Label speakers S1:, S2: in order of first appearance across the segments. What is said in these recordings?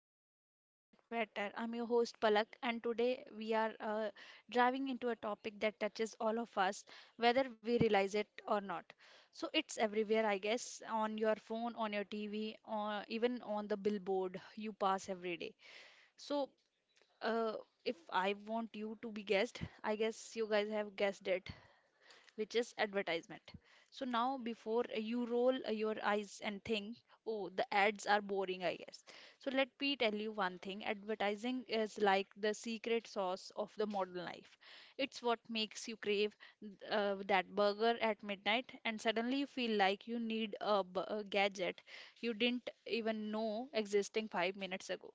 S1: of Talks That Matter. I'm your host, Palak, and today we are driving into a topic that touches all of us, whether we realize it or not. So it's everywhere, I guess, on your phone, on your TV, or even on the billboard you pass every day. So, uh, if I want you to be guessed, I guess you guys have guessed it, which is advertisement. So now, before you roll your eyes and think, oh, the ads are boring, I guess. So let me tell you one thing, advertising is like the secret sauce of the modern life. It's what makes you crave that burger at midnight, and suddenly you feel like you need a gadget you didn't even know existing 5 minutes ago.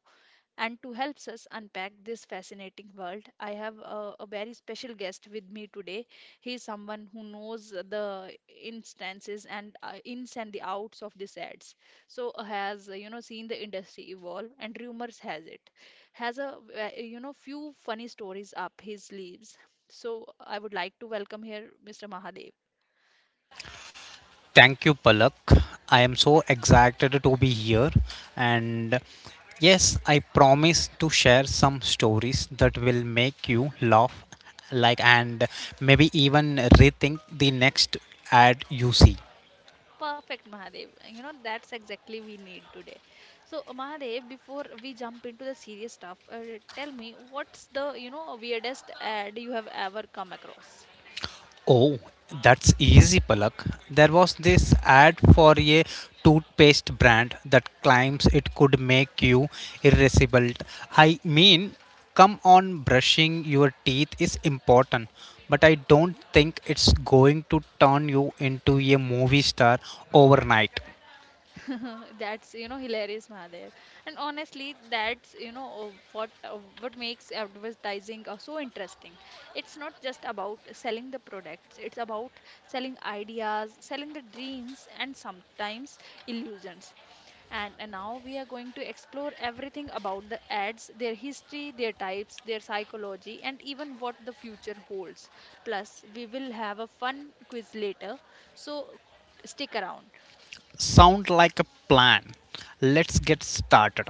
S1: And to help us unpack this fascinating world, I have a very special guest with me today. He is someone who knows the instances and ins and the outs of these ads. So has seen the industry evolve, and rumors has it, has a few funny stories up his sleeves. So I would like to welcome here Mr. Mahadev.
S2: Thank you, Palak. I am so excited to be here. And yes, I promise to share some stories that will make you laugh, like, and maybe even rethink the next ad you see.
S1: Perfect, Mahadev. You know, that's exactly we need today. So, Mahadev, before we jump into the serious stuff, tell me, what's the, weirdest ad you have ever come across?
S2: Oh, that's easy, Palak. There was this ad for a toothpaste brand that claims it could make you irascible. I mean, come on, brushing your teeth is important, but I don't think it's going to turn you into a movie star overnight.
S1: That's, hilarious, Mahadev. And honestly, that's, what makes advertising so interesting. It's not just about selling the products, it's about selling ideas, selling the dreams, and sometimes illusions. And now we are going to explore everything about the ads, their history, their types, their psychology, and even what the future holds. Plus, we will have a fun quiz later, so stick around.
S2: Sound like a plan. Let's get started.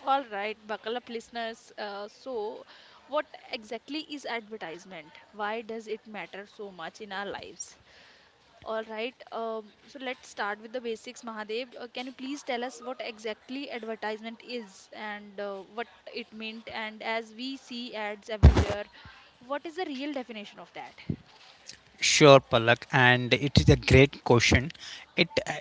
S1: All right, buckle up, listeners. What exactly is advertisement? Why does it matter so much in our lives? All right. So let's start with the basics, Mahadev. Can you please tell us what exactly advertisement is and what it meant? And as we see ads everywhere, what is the real definition of that?
S2: Sure, Palak, and it is a great question. It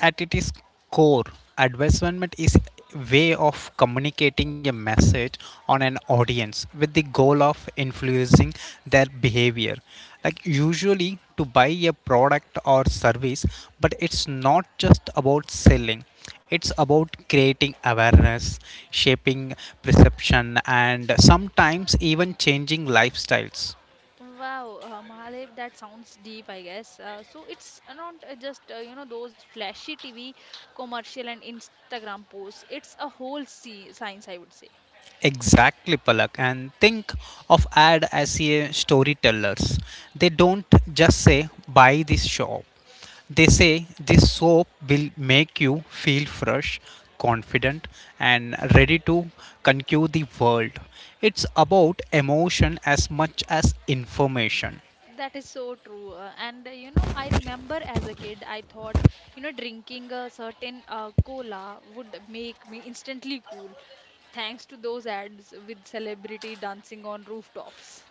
S2: At its core, advertisement is a way of communicating a message on an audience with the goal of influencing their behavior. Like usually to buy a product or service, but it's not just about selling. It's about creating awareness, shaping perception, and sometimes even changing lifestyles.
S1: Wow, Mahadev, that sounds deep, I guess. So it's not just those flashy TV commercial and Instagram posts. It's a whole science, I would say.
S2: Exactly, Palak. And think of ad as a storytellers. They don't just say buy this shop. They say this soap will make you feel fresh, confident, and ready to conquer the world. It's about emotion as much as information.
S1: That is so true. And I remember as a kid, I thought, drinking a certain cola would make me instantly cool, thanks to those ads with celebrity dancing on rooftops.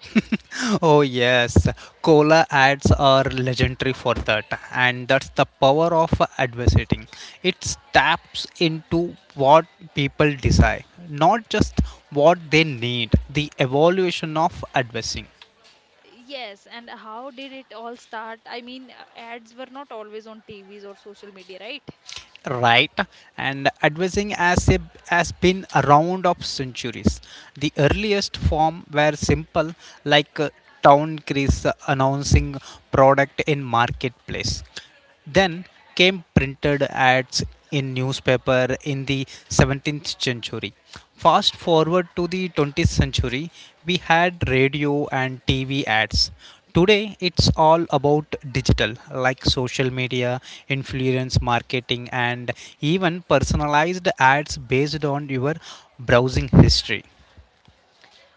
S2: Oh, yes, cola ads are legendary for that, and that's the power of advertising. It taps into what people desire, not just what they need. The evolution of advertising,
S1: Yes, and how did it all start? I mean, ads were not always on TVs or social media, right?
S2: right? And advertising as a, Has been around of centuries. The earliest form were simple, like town crease announcing product in marketplace. Then came printed ads in newspaper in the 17th century. Fast forward to the 20th century, we had radio and TV ads. Today it's all about digital like social media, influence marketing and even personalized ads based on your browsing history.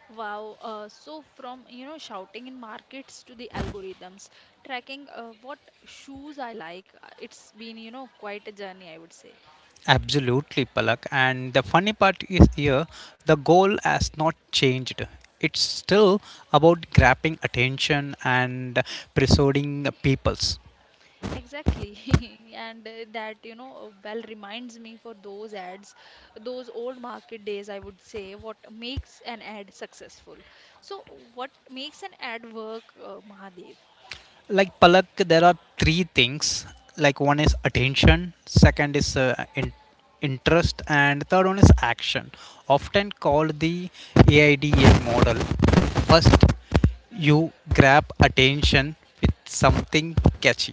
S1: Wow. So from, shouting in markets to the algorithms, tracking what shoes I like, it's been, quite a journey, I would say.
S2: Absolutely, Palak. And the funny part is here, the goal has not changed. It's still about grabbing attention and persuading peoples.
S1: Exactly. And that, well reminds me for those ads, those old market days, I would say, what makes an ad successful. So, what makes an ad work, Mahadev?
S2: Like Palak, there are three things. Like one is attention, second is interest, and third one is action. Often called the AIDA model. First, you grab attention with something catchy.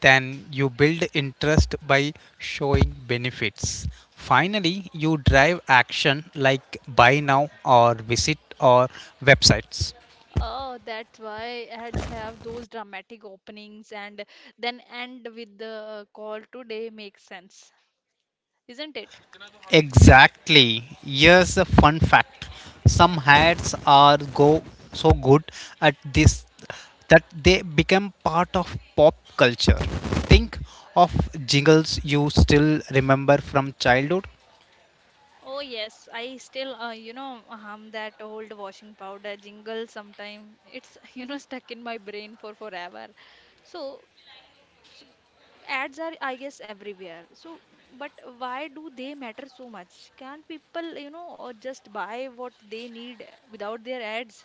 S2: Then you build interest by showing benefits. Finally, you drive action like buy now or visit or websites.
S1: Oh, that's why ads have those dramatic openings and then end with the call today, makes sense, isn't it?
S2: Exactly. Here's a fun fact. Some ads are go so good at this that they become part of pop culture. Think of jingles you still remember from childhood.
S1: Oh yes, I still hum that old washing powder jingle sometime. It's stuck in my brain for forever. So s ads are, I guess, everywhere, so but why do they matter so much? Can't people, just buy what they need without their ads?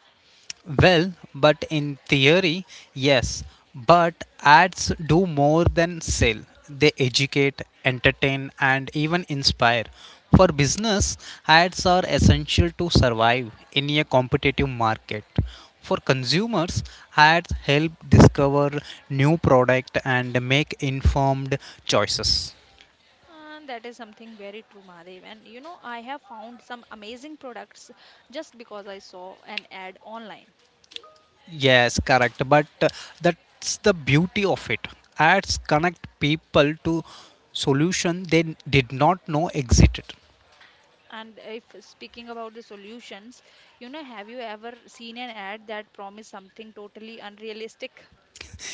S2: Well, but in theory, yes. But ads do more than sell. They educate, entertain, and even inspire. For business, ads are essential to survive in a competitive market. For consumers, ads help discover new product and make informed choices.
S1: And that is something very true, Mahadev, and you know, I have found some amazing products just because I saw an ad online.
S2: Yes, correct. But that's the beauty of it. Ads connect people to solution they did not know existed.
S1: And if speaking about the solutions, you know, have you ever seen an ad that promised something totally unrealistic?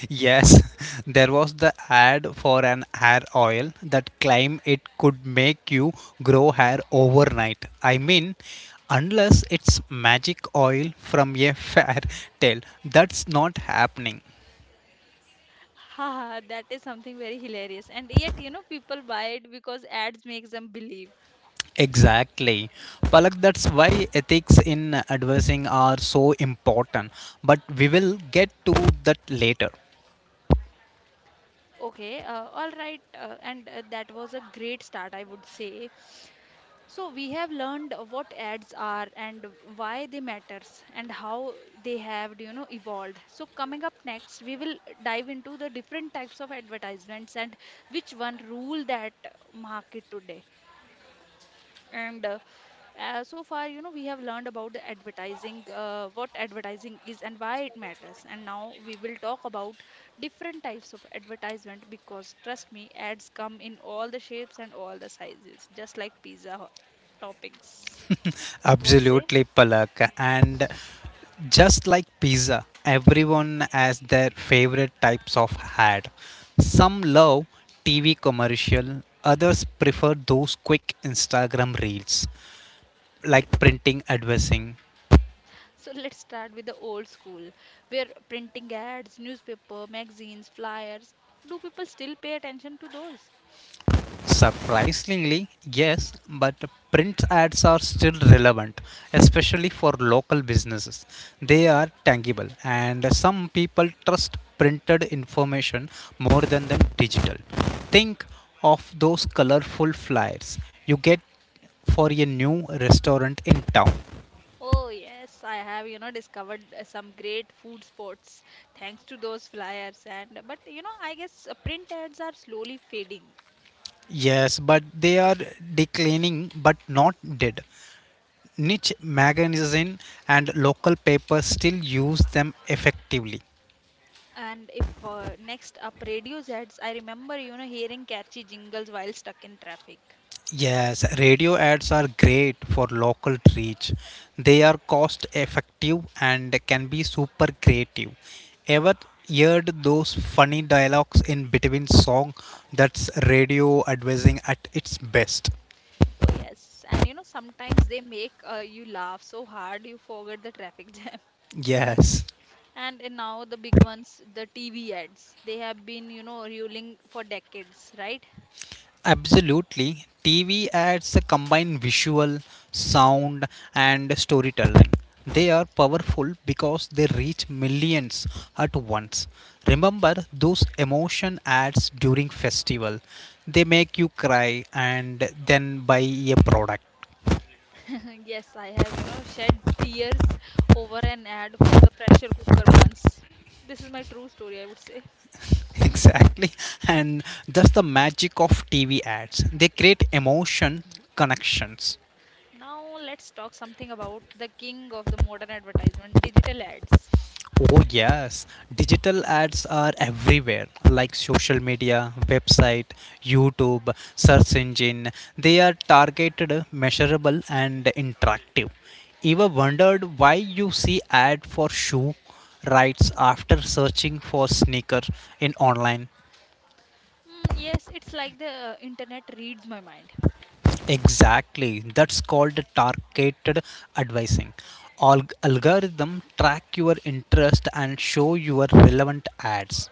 S2: Yes, there was the ad for an hair oil that claimed it could make you grow hair overnight. I mean, unless it's magic oil from a fair tale, that's not happening.
S1: Haha, that is something very hilarious. And yet, you know, people buy it because ads makes them believe.
S2: Exactly. Palak, that's why ethics in adversing are so important. But we will get to that later.
S1: Okay, all right, and that was a great start, I would say. So we have learned what ads are and why they matters and how they have, evolved. So coming up next, we will dive into the different types of advertisements and which one rule that market today. And so far, we have learned about the advertising, what advertising is and why it matters. And now we will talk about different types of advertisement, because, trust me, ads come in all the shapes and all the sizes, just like toppings. What say?
S2: Absolutely, Palak. And just like pizza, everyone has their favorite types of ad. Some love TV commercial, others prefer those quick Instagram reels, like printing advertising.
S1: So let's start with the old school, where printing ads, newspaper, magazines, flyers. Do people still pay attention to those?
S2: Surprisingly, yes, but print ads are still relevant, especially for local businesses. They are tangible, and some people trust printed information more than the digital. Think of those colorful flyers you get for a new restaurant in town.
S1: Oh, yes, I have, discovered some great food spots thanks to those flyers. And but you know, I guess print ads are slowly fading.
S2: Yes, but they are declining but not dead. Niche magazine and local papers still use them effectively.
S1: And if next up, radios ads, I remember, hearing catchy jingles while stuck in traffic.
S2: Yes, radio ads are great for local reach. They are cost effective and can be super creative. Ever heard those funny dialogues in between song? That's radio advertising at its best.
S1: Oh, yes. And you know, sometimes they make you laugh so hard you forget the traffic jam.
S2: Yes.
S1: And now the big ones, the TV ads, they have been, ruling for decades, right?
S2: Absolutely. TV ads combine visual, sound, and storytelling. They are powerful because they reach millions at once. Remember those emotion ads during festival. They make you cry and then buy a product.
S1: Yes, I have, shed tears over an ad for the pressure cooker buns. This is my true story, I would say.
S2: Exactly. And that's the magic of TV ads. They create emotion connections.
S1: Now let's talk something about the king of the modern advertisement, digital ads.
S2: Oh, yes. Digital ads are everywhere, like social media, website, YouTube, search engine. They are targeted, measurable, and interactive. Ever wondered why you see ad for shoe rights after searching for sneaker in online?
S1: Mm, yes, it's like the internet reads my mind.
S2: Exactly. That's called targeted advising. Algorithm track your interest and show your relevant ads.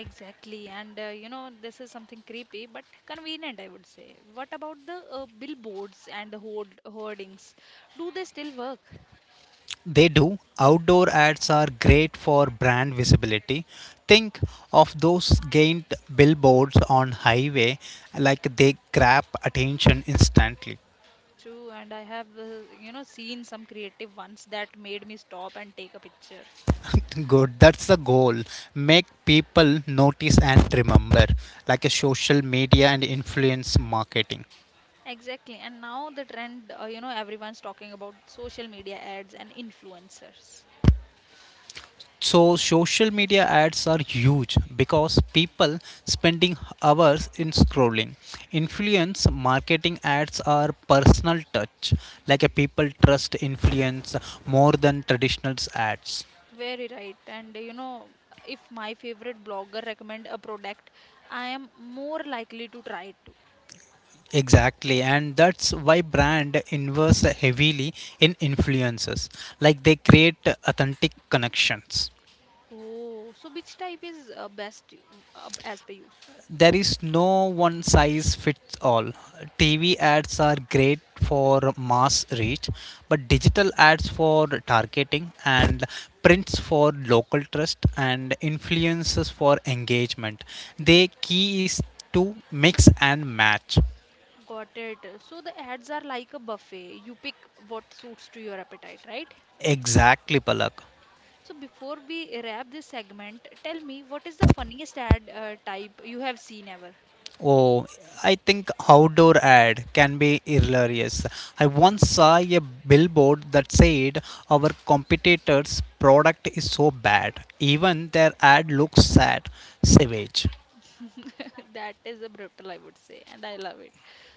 S1: Exactly. And this is something creepy but convenient, I would say. What about the billboards and the hoardings? Do they still work?
S2: They do. Outdoor ads are great for brand visibility. Think of those giant billboards on highway like they grab attention instantly.
S1: True. And I have, seen some creative ones that made me stop and take a picture.
S2: Good, that's the goal. Make people notice and remember, like a social media and influence marketing.
S1: Exactly. And now the trend, everyone's talking about social media ads and influencers.
S2: So social media ads are huge because people spending hours in scrolling. Influence marketing ads are personal touch, like a people trust influence more than traditional ads.
S1: Very right. And if my favorite blogger recommend a product, I am more likely to try it too.
S2: Exactly, and that's why brand invests heavily in influencers, like they create authentic connections.
S1: Oh, so which type is best as per you?
S2: There is no one size fits all. TV ads are great for mass reach, but digital ads for targeting and prints for local trust and influences for engagement. The key is to mix and match.
S1: Got it. So the ads are like a buffet. You pick what suits to your appetite, right?
S2: Exactly, Palak.
S1: So before we wrap this segment, tell me, what is the funniest ad type you have seen ever?
S2: Oh, I think outdoor ad can be hilarious. I once saw a billboard that said our competitor's product is so bad, even their ad looks sad, savage.
S1: That is a brutal, I would say, and I love it.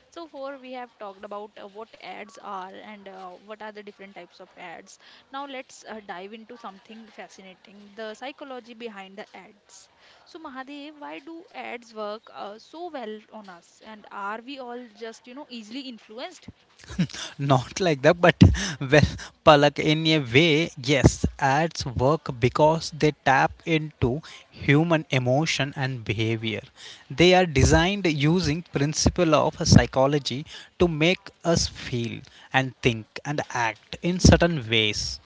S1: So far, we have talked about what ads are and what are the different types of ads. Now, let's dive into something fascinating, the psychology behind the ads. So, Mahadev, why do ads work so well on us? And are we all just, easily influenced?
S2: Not like that, but well, Palak, in a way, yes, ads work because they tap into human emotion and behavior. They are designed using principle of psychology to make us feel and think and act in certain ways.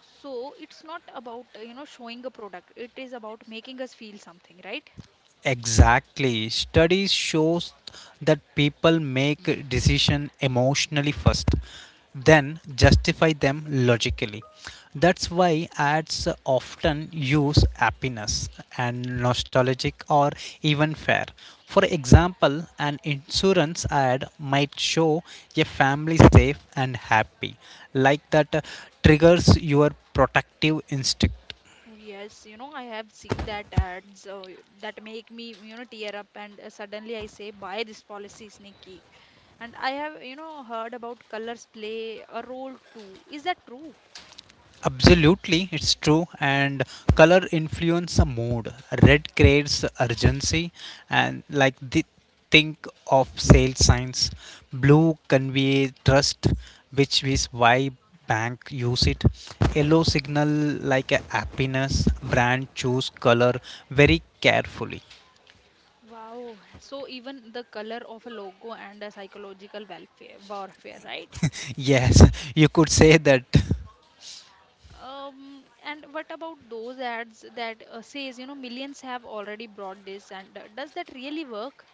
S1: So, it's not about, showing a product. It is about making us feel something, right?
S2: Exactly. Studies shows that people make decision emotionally first, then justify them logically. That's why ads often use happiness and nostalgic or even fair. For example, an insurance ad might show a family safe and happy, like that triggers your protective instinct.
S1: Oh, yes, you know, I have seen that ads that make me, tear up, and suddenly I say, buy this policy, sneaky. And I have, heard about colors play a role too. Is that true?
S2: Absolutely, it's true. And color influence the mood. Red creates urgency, and like the, think of sale signs. Blue convey trust, which is why bank use it. Yellow signal like a happiness. Brand choose color very carefully.
S1: Wow. So even the color of a logo and a psychological welfare warfare, right?
S2: Yes, you could say that.
S1: And what about those ads that says, millions have already bought this, and does that really work?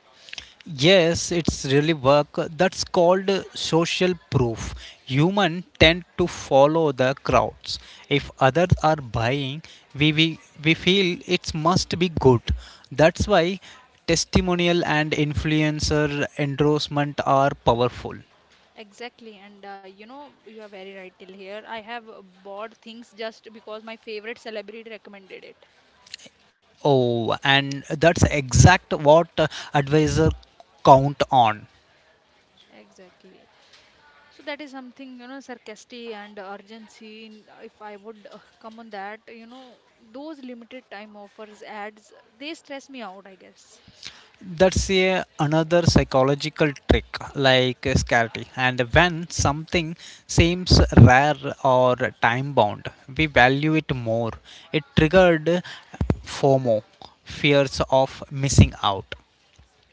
S2: Yes, it's really work. That's called social proof. Human tend to follow the crowds. If others are buying, we feel it must be good. That's why testimonial and influencer endorsement are powerful.
S1: Exactly, and you are very right till here. I have bought things just because my favorite celebrity recommended it.
S2: Oh, and that's exact what advisor count on.
S1: Exactly. So that is something, sarcastic and urgency. If I would come on that, those limited time offers, ads, they stress me out, I guess.
S2: That's a another psychological trick like scarcity, and when something seems rare or time bound, we value it more. It triggered FOMO, fears of missing out.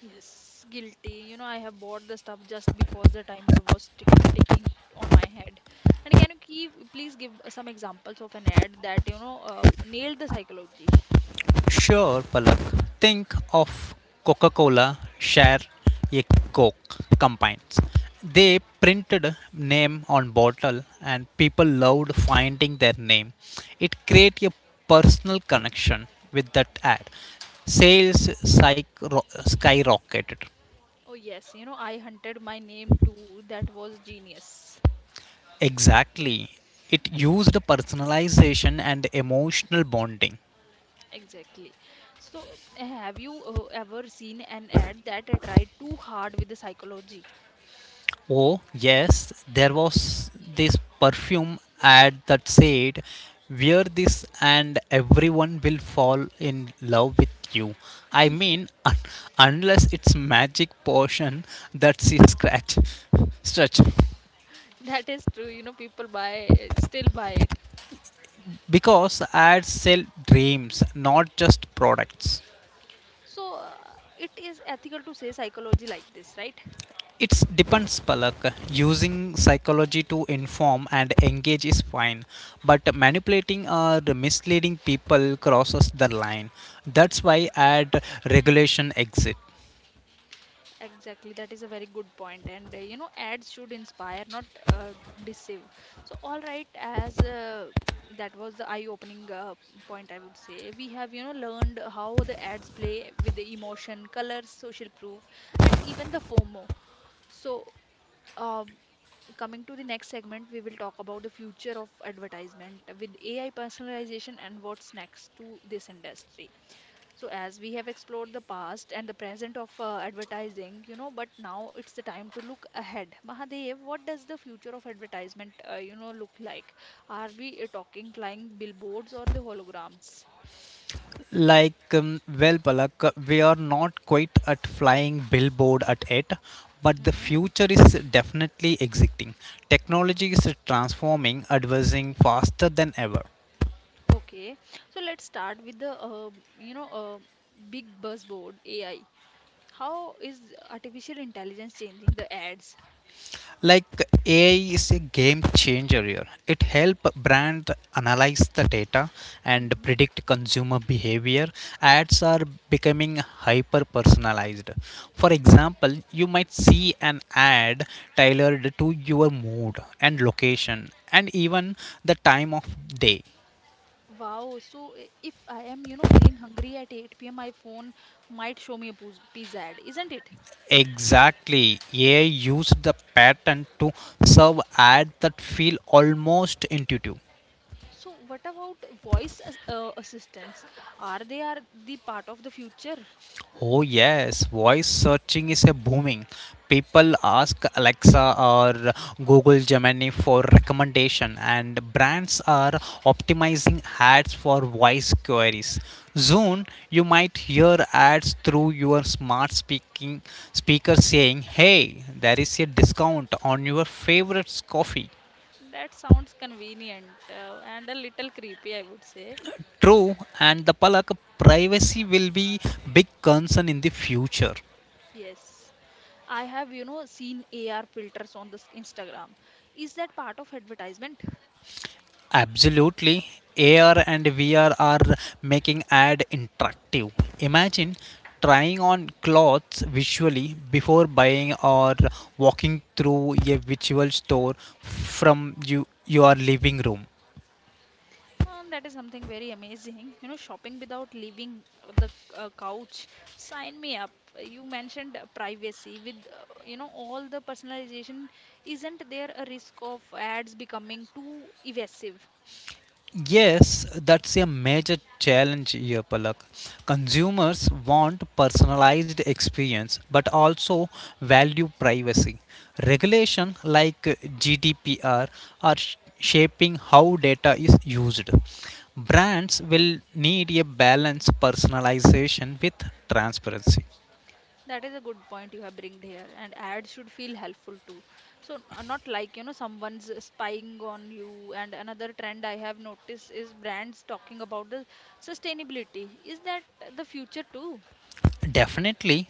S1: Yes, guilty. You know, I have bought the stuff just because the timer was ticking on my head. And can you please give some examples of an ad that, nailed the psychology?
S2: Sure, Palak. Think of Coca Cola, Share, a Coke combines. They printed name on bottle and people loved finding their name. It created a personal connection with that ad. Sales skyrocketed.
S1: Oh, yes, you know, I hunted my name too. That was genius.
S2: Exactly. It used personalization and emotional bonding.
S1: Exactly. So, have you ever seen an ad that I tried too hard with the psychology?
S2: Oh, yes, there was this perfume ad that said, "Wear this and everyone will fall in love with you." I mean, unless it's magic potion, that's a scratch. Stretch.
S1: That is true, you know, people still buy it.
S2: Because ads sell dreams, not just products.
S1: So, it is ethical to say psychology like this, right?
S2: It's depends, Palak. Using psychology to inform and engage is fine, but manipulating or misleading people crosses the line. That's why add regulation exit.
S1: Exactly, that is a very good point, and ads should inspire, not uh, deceive. So, all right, as that was the eye-opening point, I would say. We have, learned how the ads play with the emotion, colors, social proof, and even the FOMO. So, um, coming to the next segment, we will talk about the future of advertisement with AI personalization and what's next to this industry. So, as we have explored the past and the present of advertising, you know, but now it's the time to look ahead. Mahadev, what does the future of advertisement, look like? Are we talking flying billboards or the holograms?
S2: Well, Palak, we are not quite at flying billboard at it, but the
S1: Mm-hmm.
S2: future is definitely exiting. Technology is transforming, advancing faster than ever.
S1: Okay. So let's start with the, big buzzword AI. How is artificial intelligence changing the ads?
S2: Like AI is a game changer here. It help brand analyze the data and
S1: Mm-hmm.
S2: predict consumer behavior. Ads are becoming hyper personalized. For example, you might see an ad tailored to your mood and location and even the time of day.
S1: Wow. So if I am, feeling hungry at 8 p.m., my phone might show me a pizza ad, isn't it?
S2: Exactly. AI used the pattern to serve ads that feel almost intuitive.
S1: So what about voice assistants? Are they are the part of the future?
S2: Oh, yes, voice searching is a booming. People ask Alexa or Google Gemini for recommendation, and brands are optimizing ads for voice queries. Soon, you might hear ads through your smart speaking speaker saying, "Hey, there is a discount on your favorite coffee."
S1: That sounds convenient and a little creepy, I would say.
S2: True, and the Palak privacy will be big concern in the future.
S1: Yes. I have, seen AR filters on this Instagram. Is that part of advertisement?
S2: Absolutely. AR and VR are making ad interactive. Imagine trying on clothes visually before buying or walking through a virtual store from you your living room.
S1: That is something very amazing. You know, shopping without leaving the couch. Sign me up. You mentioned privacy with, all the personalization. Isn't there a risk of ads becoming too evasive?
S2: Yes, that's a major challenge here, Palak. Consumers want personalized experience but also value privacy. Regulation like GDPR are shaping how data is used. Brands will need a balanced personalization with transparency.
S1: That is a good point you have bringed here, and ads should feel helpful too. So not like you know someone's spying on you. And another trend I have noticed is brands talking about the sustainability. Is that the future too?
S2: Definitely,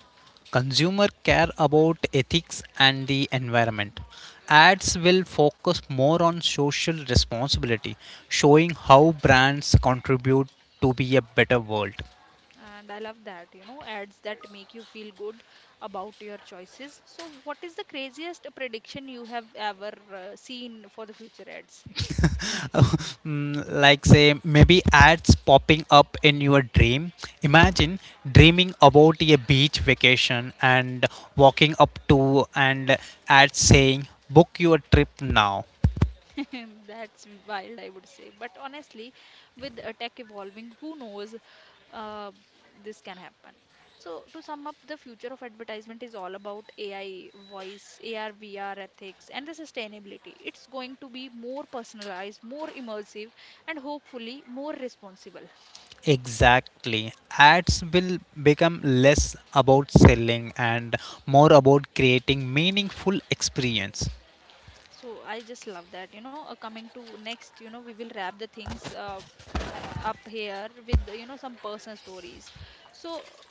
S2: consumer care about ethics and the environment. Ads will focus more on social responsibility, showing how brands contribute to be a better world.
S1: And I love that you know ads that make you feel good about your choices. So what is the craziest prediction you have ever seen for the future ads?
S2: Mm, like say maybe ads popping up in your dream. Imagine dreaming about a beach vacation and walking up to and ads saying book your trip now.
S1: That's wild, I would say. But honestly, with tech evolving, who knows uh, this can happen. So, to sum up, the future of advertisement is all about AI, voice, AR, VR ethics, and the sustainability. It's going to be more personalized, more immersive, and hopefully more responsible.
S2: Exactly. Ads will become less about selling and more about creating meaningful experience.
S1: So, I just love that. You know, coming to next, we will wrap the things up here with, some personal stories. So, uh,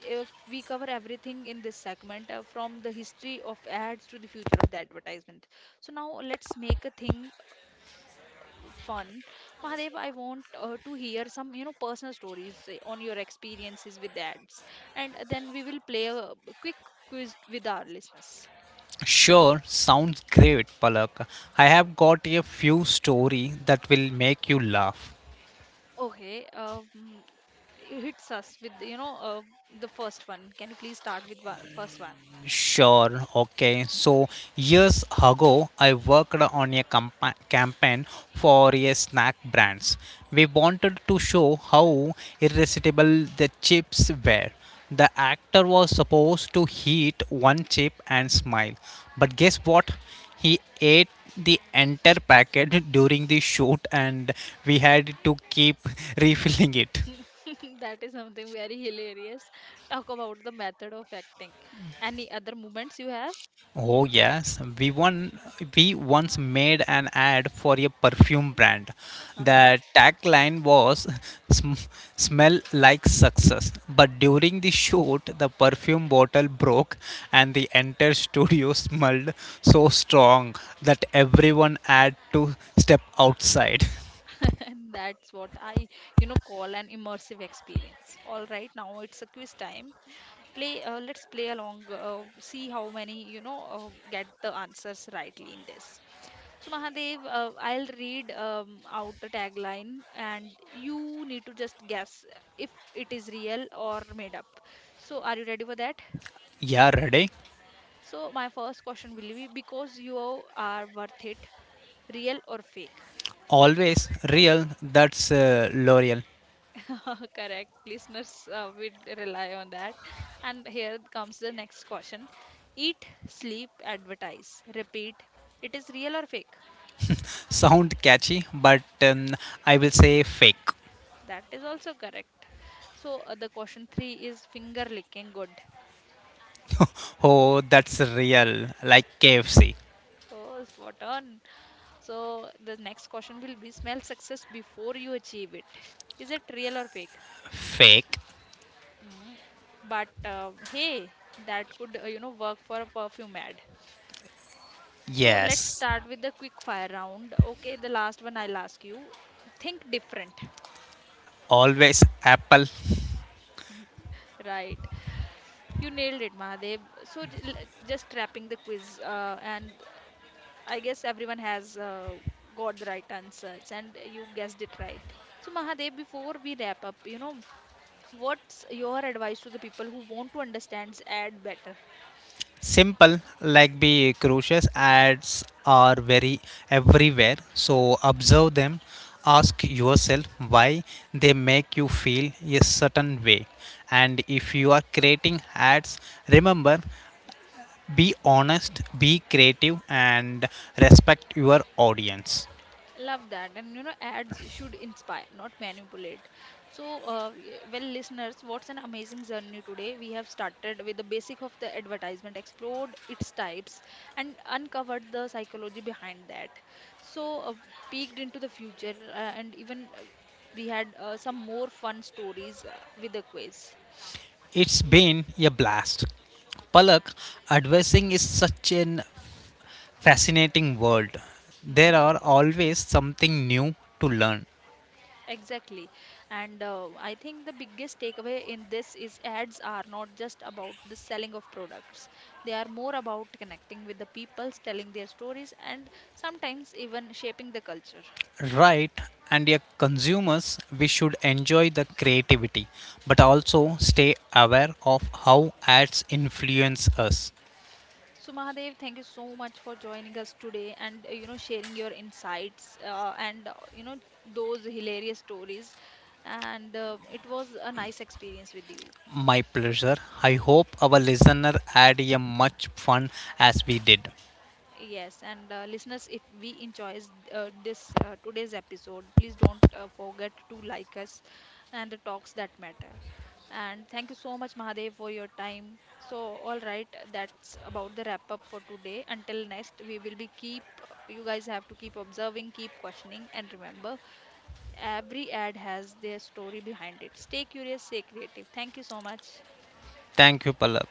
S1: if we cover everything in this segment from the history of ads to the future of the advertisement, so now let's make a thing fun. Mahadev, I want to hear some, personal stories on your experiences with the ads, and then we will play a quick quiz with our listeners.
S2: Sure, sounds great, Palak. I have got a few story that will make you laugh.
S1: Okay. um, it hits us with, the first one. Can you please start with first one?
S2: Sure. Okay. So years ago, I worked on a campaign for a snack brands. We wanted to show how irresistible the chips were. The actor was supposed to eat one chip and smile, but guess what? He ate the entire packet during the shoot, and we had to keep refilling it.
S1: That is something very hilarious. Talk about the method of acting. Any other moments you have?
S2: Oh yes, we once made an ad for a perfume brand.
S1: Uh-huh.
S2: The tagline was "Sm- "Smell like success." But during the shoot, the perfume bottle broke, and the entire studio smelled so strong that everyone had to step outside.
S1: And that's what I, call an immersive experience. All right, now it's a quiz time. Play, let's play along, see how many, get the answers rightly in this. So, Mahadev, I'll read out the tagline, and you need to just guess if it is real or made up. So, are you ready for that?
S2: Yeah, ready?
S1: So my first question will be because you are worth it, real or fake?
S2: Always real. That's L'Oreal.
S1: Correct. Listeners will rely on that. And here comes the next question. Eat, sleep, advertise. Repeat. It is real or fake?
S2: Sound catchy, but I will say fake.
S1: That is also correct. So the question three is finger licking good.
S2: Oh, that's real. Like KFC.
S1: Oh, spot on. So the next question will be smell success before you achieve it. Is it real or fake?
S2: Fake.
S1: Mm, but hey, that could, work for a perfume ad. So let's
S2: Yes.
S1: start with the quick fire round. Okay, the last one I'll ask you. Think different.
S2: Always Apple.
S1: Right. You nailed it, Mahadev. So just wrapping the quiz, and I guess everyone has got the right answers, and you guessed it right. So Mahadev, before we wrap up, what's your advice to the people who want to understand ad better?
S2: Simple. Like be crucious ads are very everywhere. So observe them. Ask yourself why they make you feel a certain way. And if you are creating ads, remember be honest, be creative, and respect your audience.
S1: Love that. And you know, ads should inspire, not manipulate. So, well, listeners, what's an amazing journey today? We have started with the basic of the advertisement, explored its types, and uncovered the psychology behind that. So, peeked into the future, and even we had some more fun stories with the quiz.
S2: It's been a blast. Palak, advising is such an fascinating world. There
S1: Mm-hmm.
S2: are always something new to learn,
S1: Exactly. And I think the biggest takeaway in this is ads are not just about the selling of products. They are more about connecting with the people, telling their stories, and sometimes even shaping the culture.
S2: right? And as consumers, we should enjoy the creativity, but also stay aware of how ads influence us.
S1: So Mahadev, thank you so much for joining us today and you know sharing your insights and you know those hilarious stories. And it was a nice experience with you.
S2: My pleasure. I hope our listener had a much fun as we did.
S1: Yes, and listeners, if we enjoys this today's episode, please don't forget to like us and the talks that matter. And thank you so much, Mahadev, for your time. So, all right, that's about the wrap up for today. Until next, we will be keep you guys have to keep observing, keep questioning, and remember, every ad has their story behind it. Stay curious, stay creative. Thank you so much.
S2: Thank you, Palak.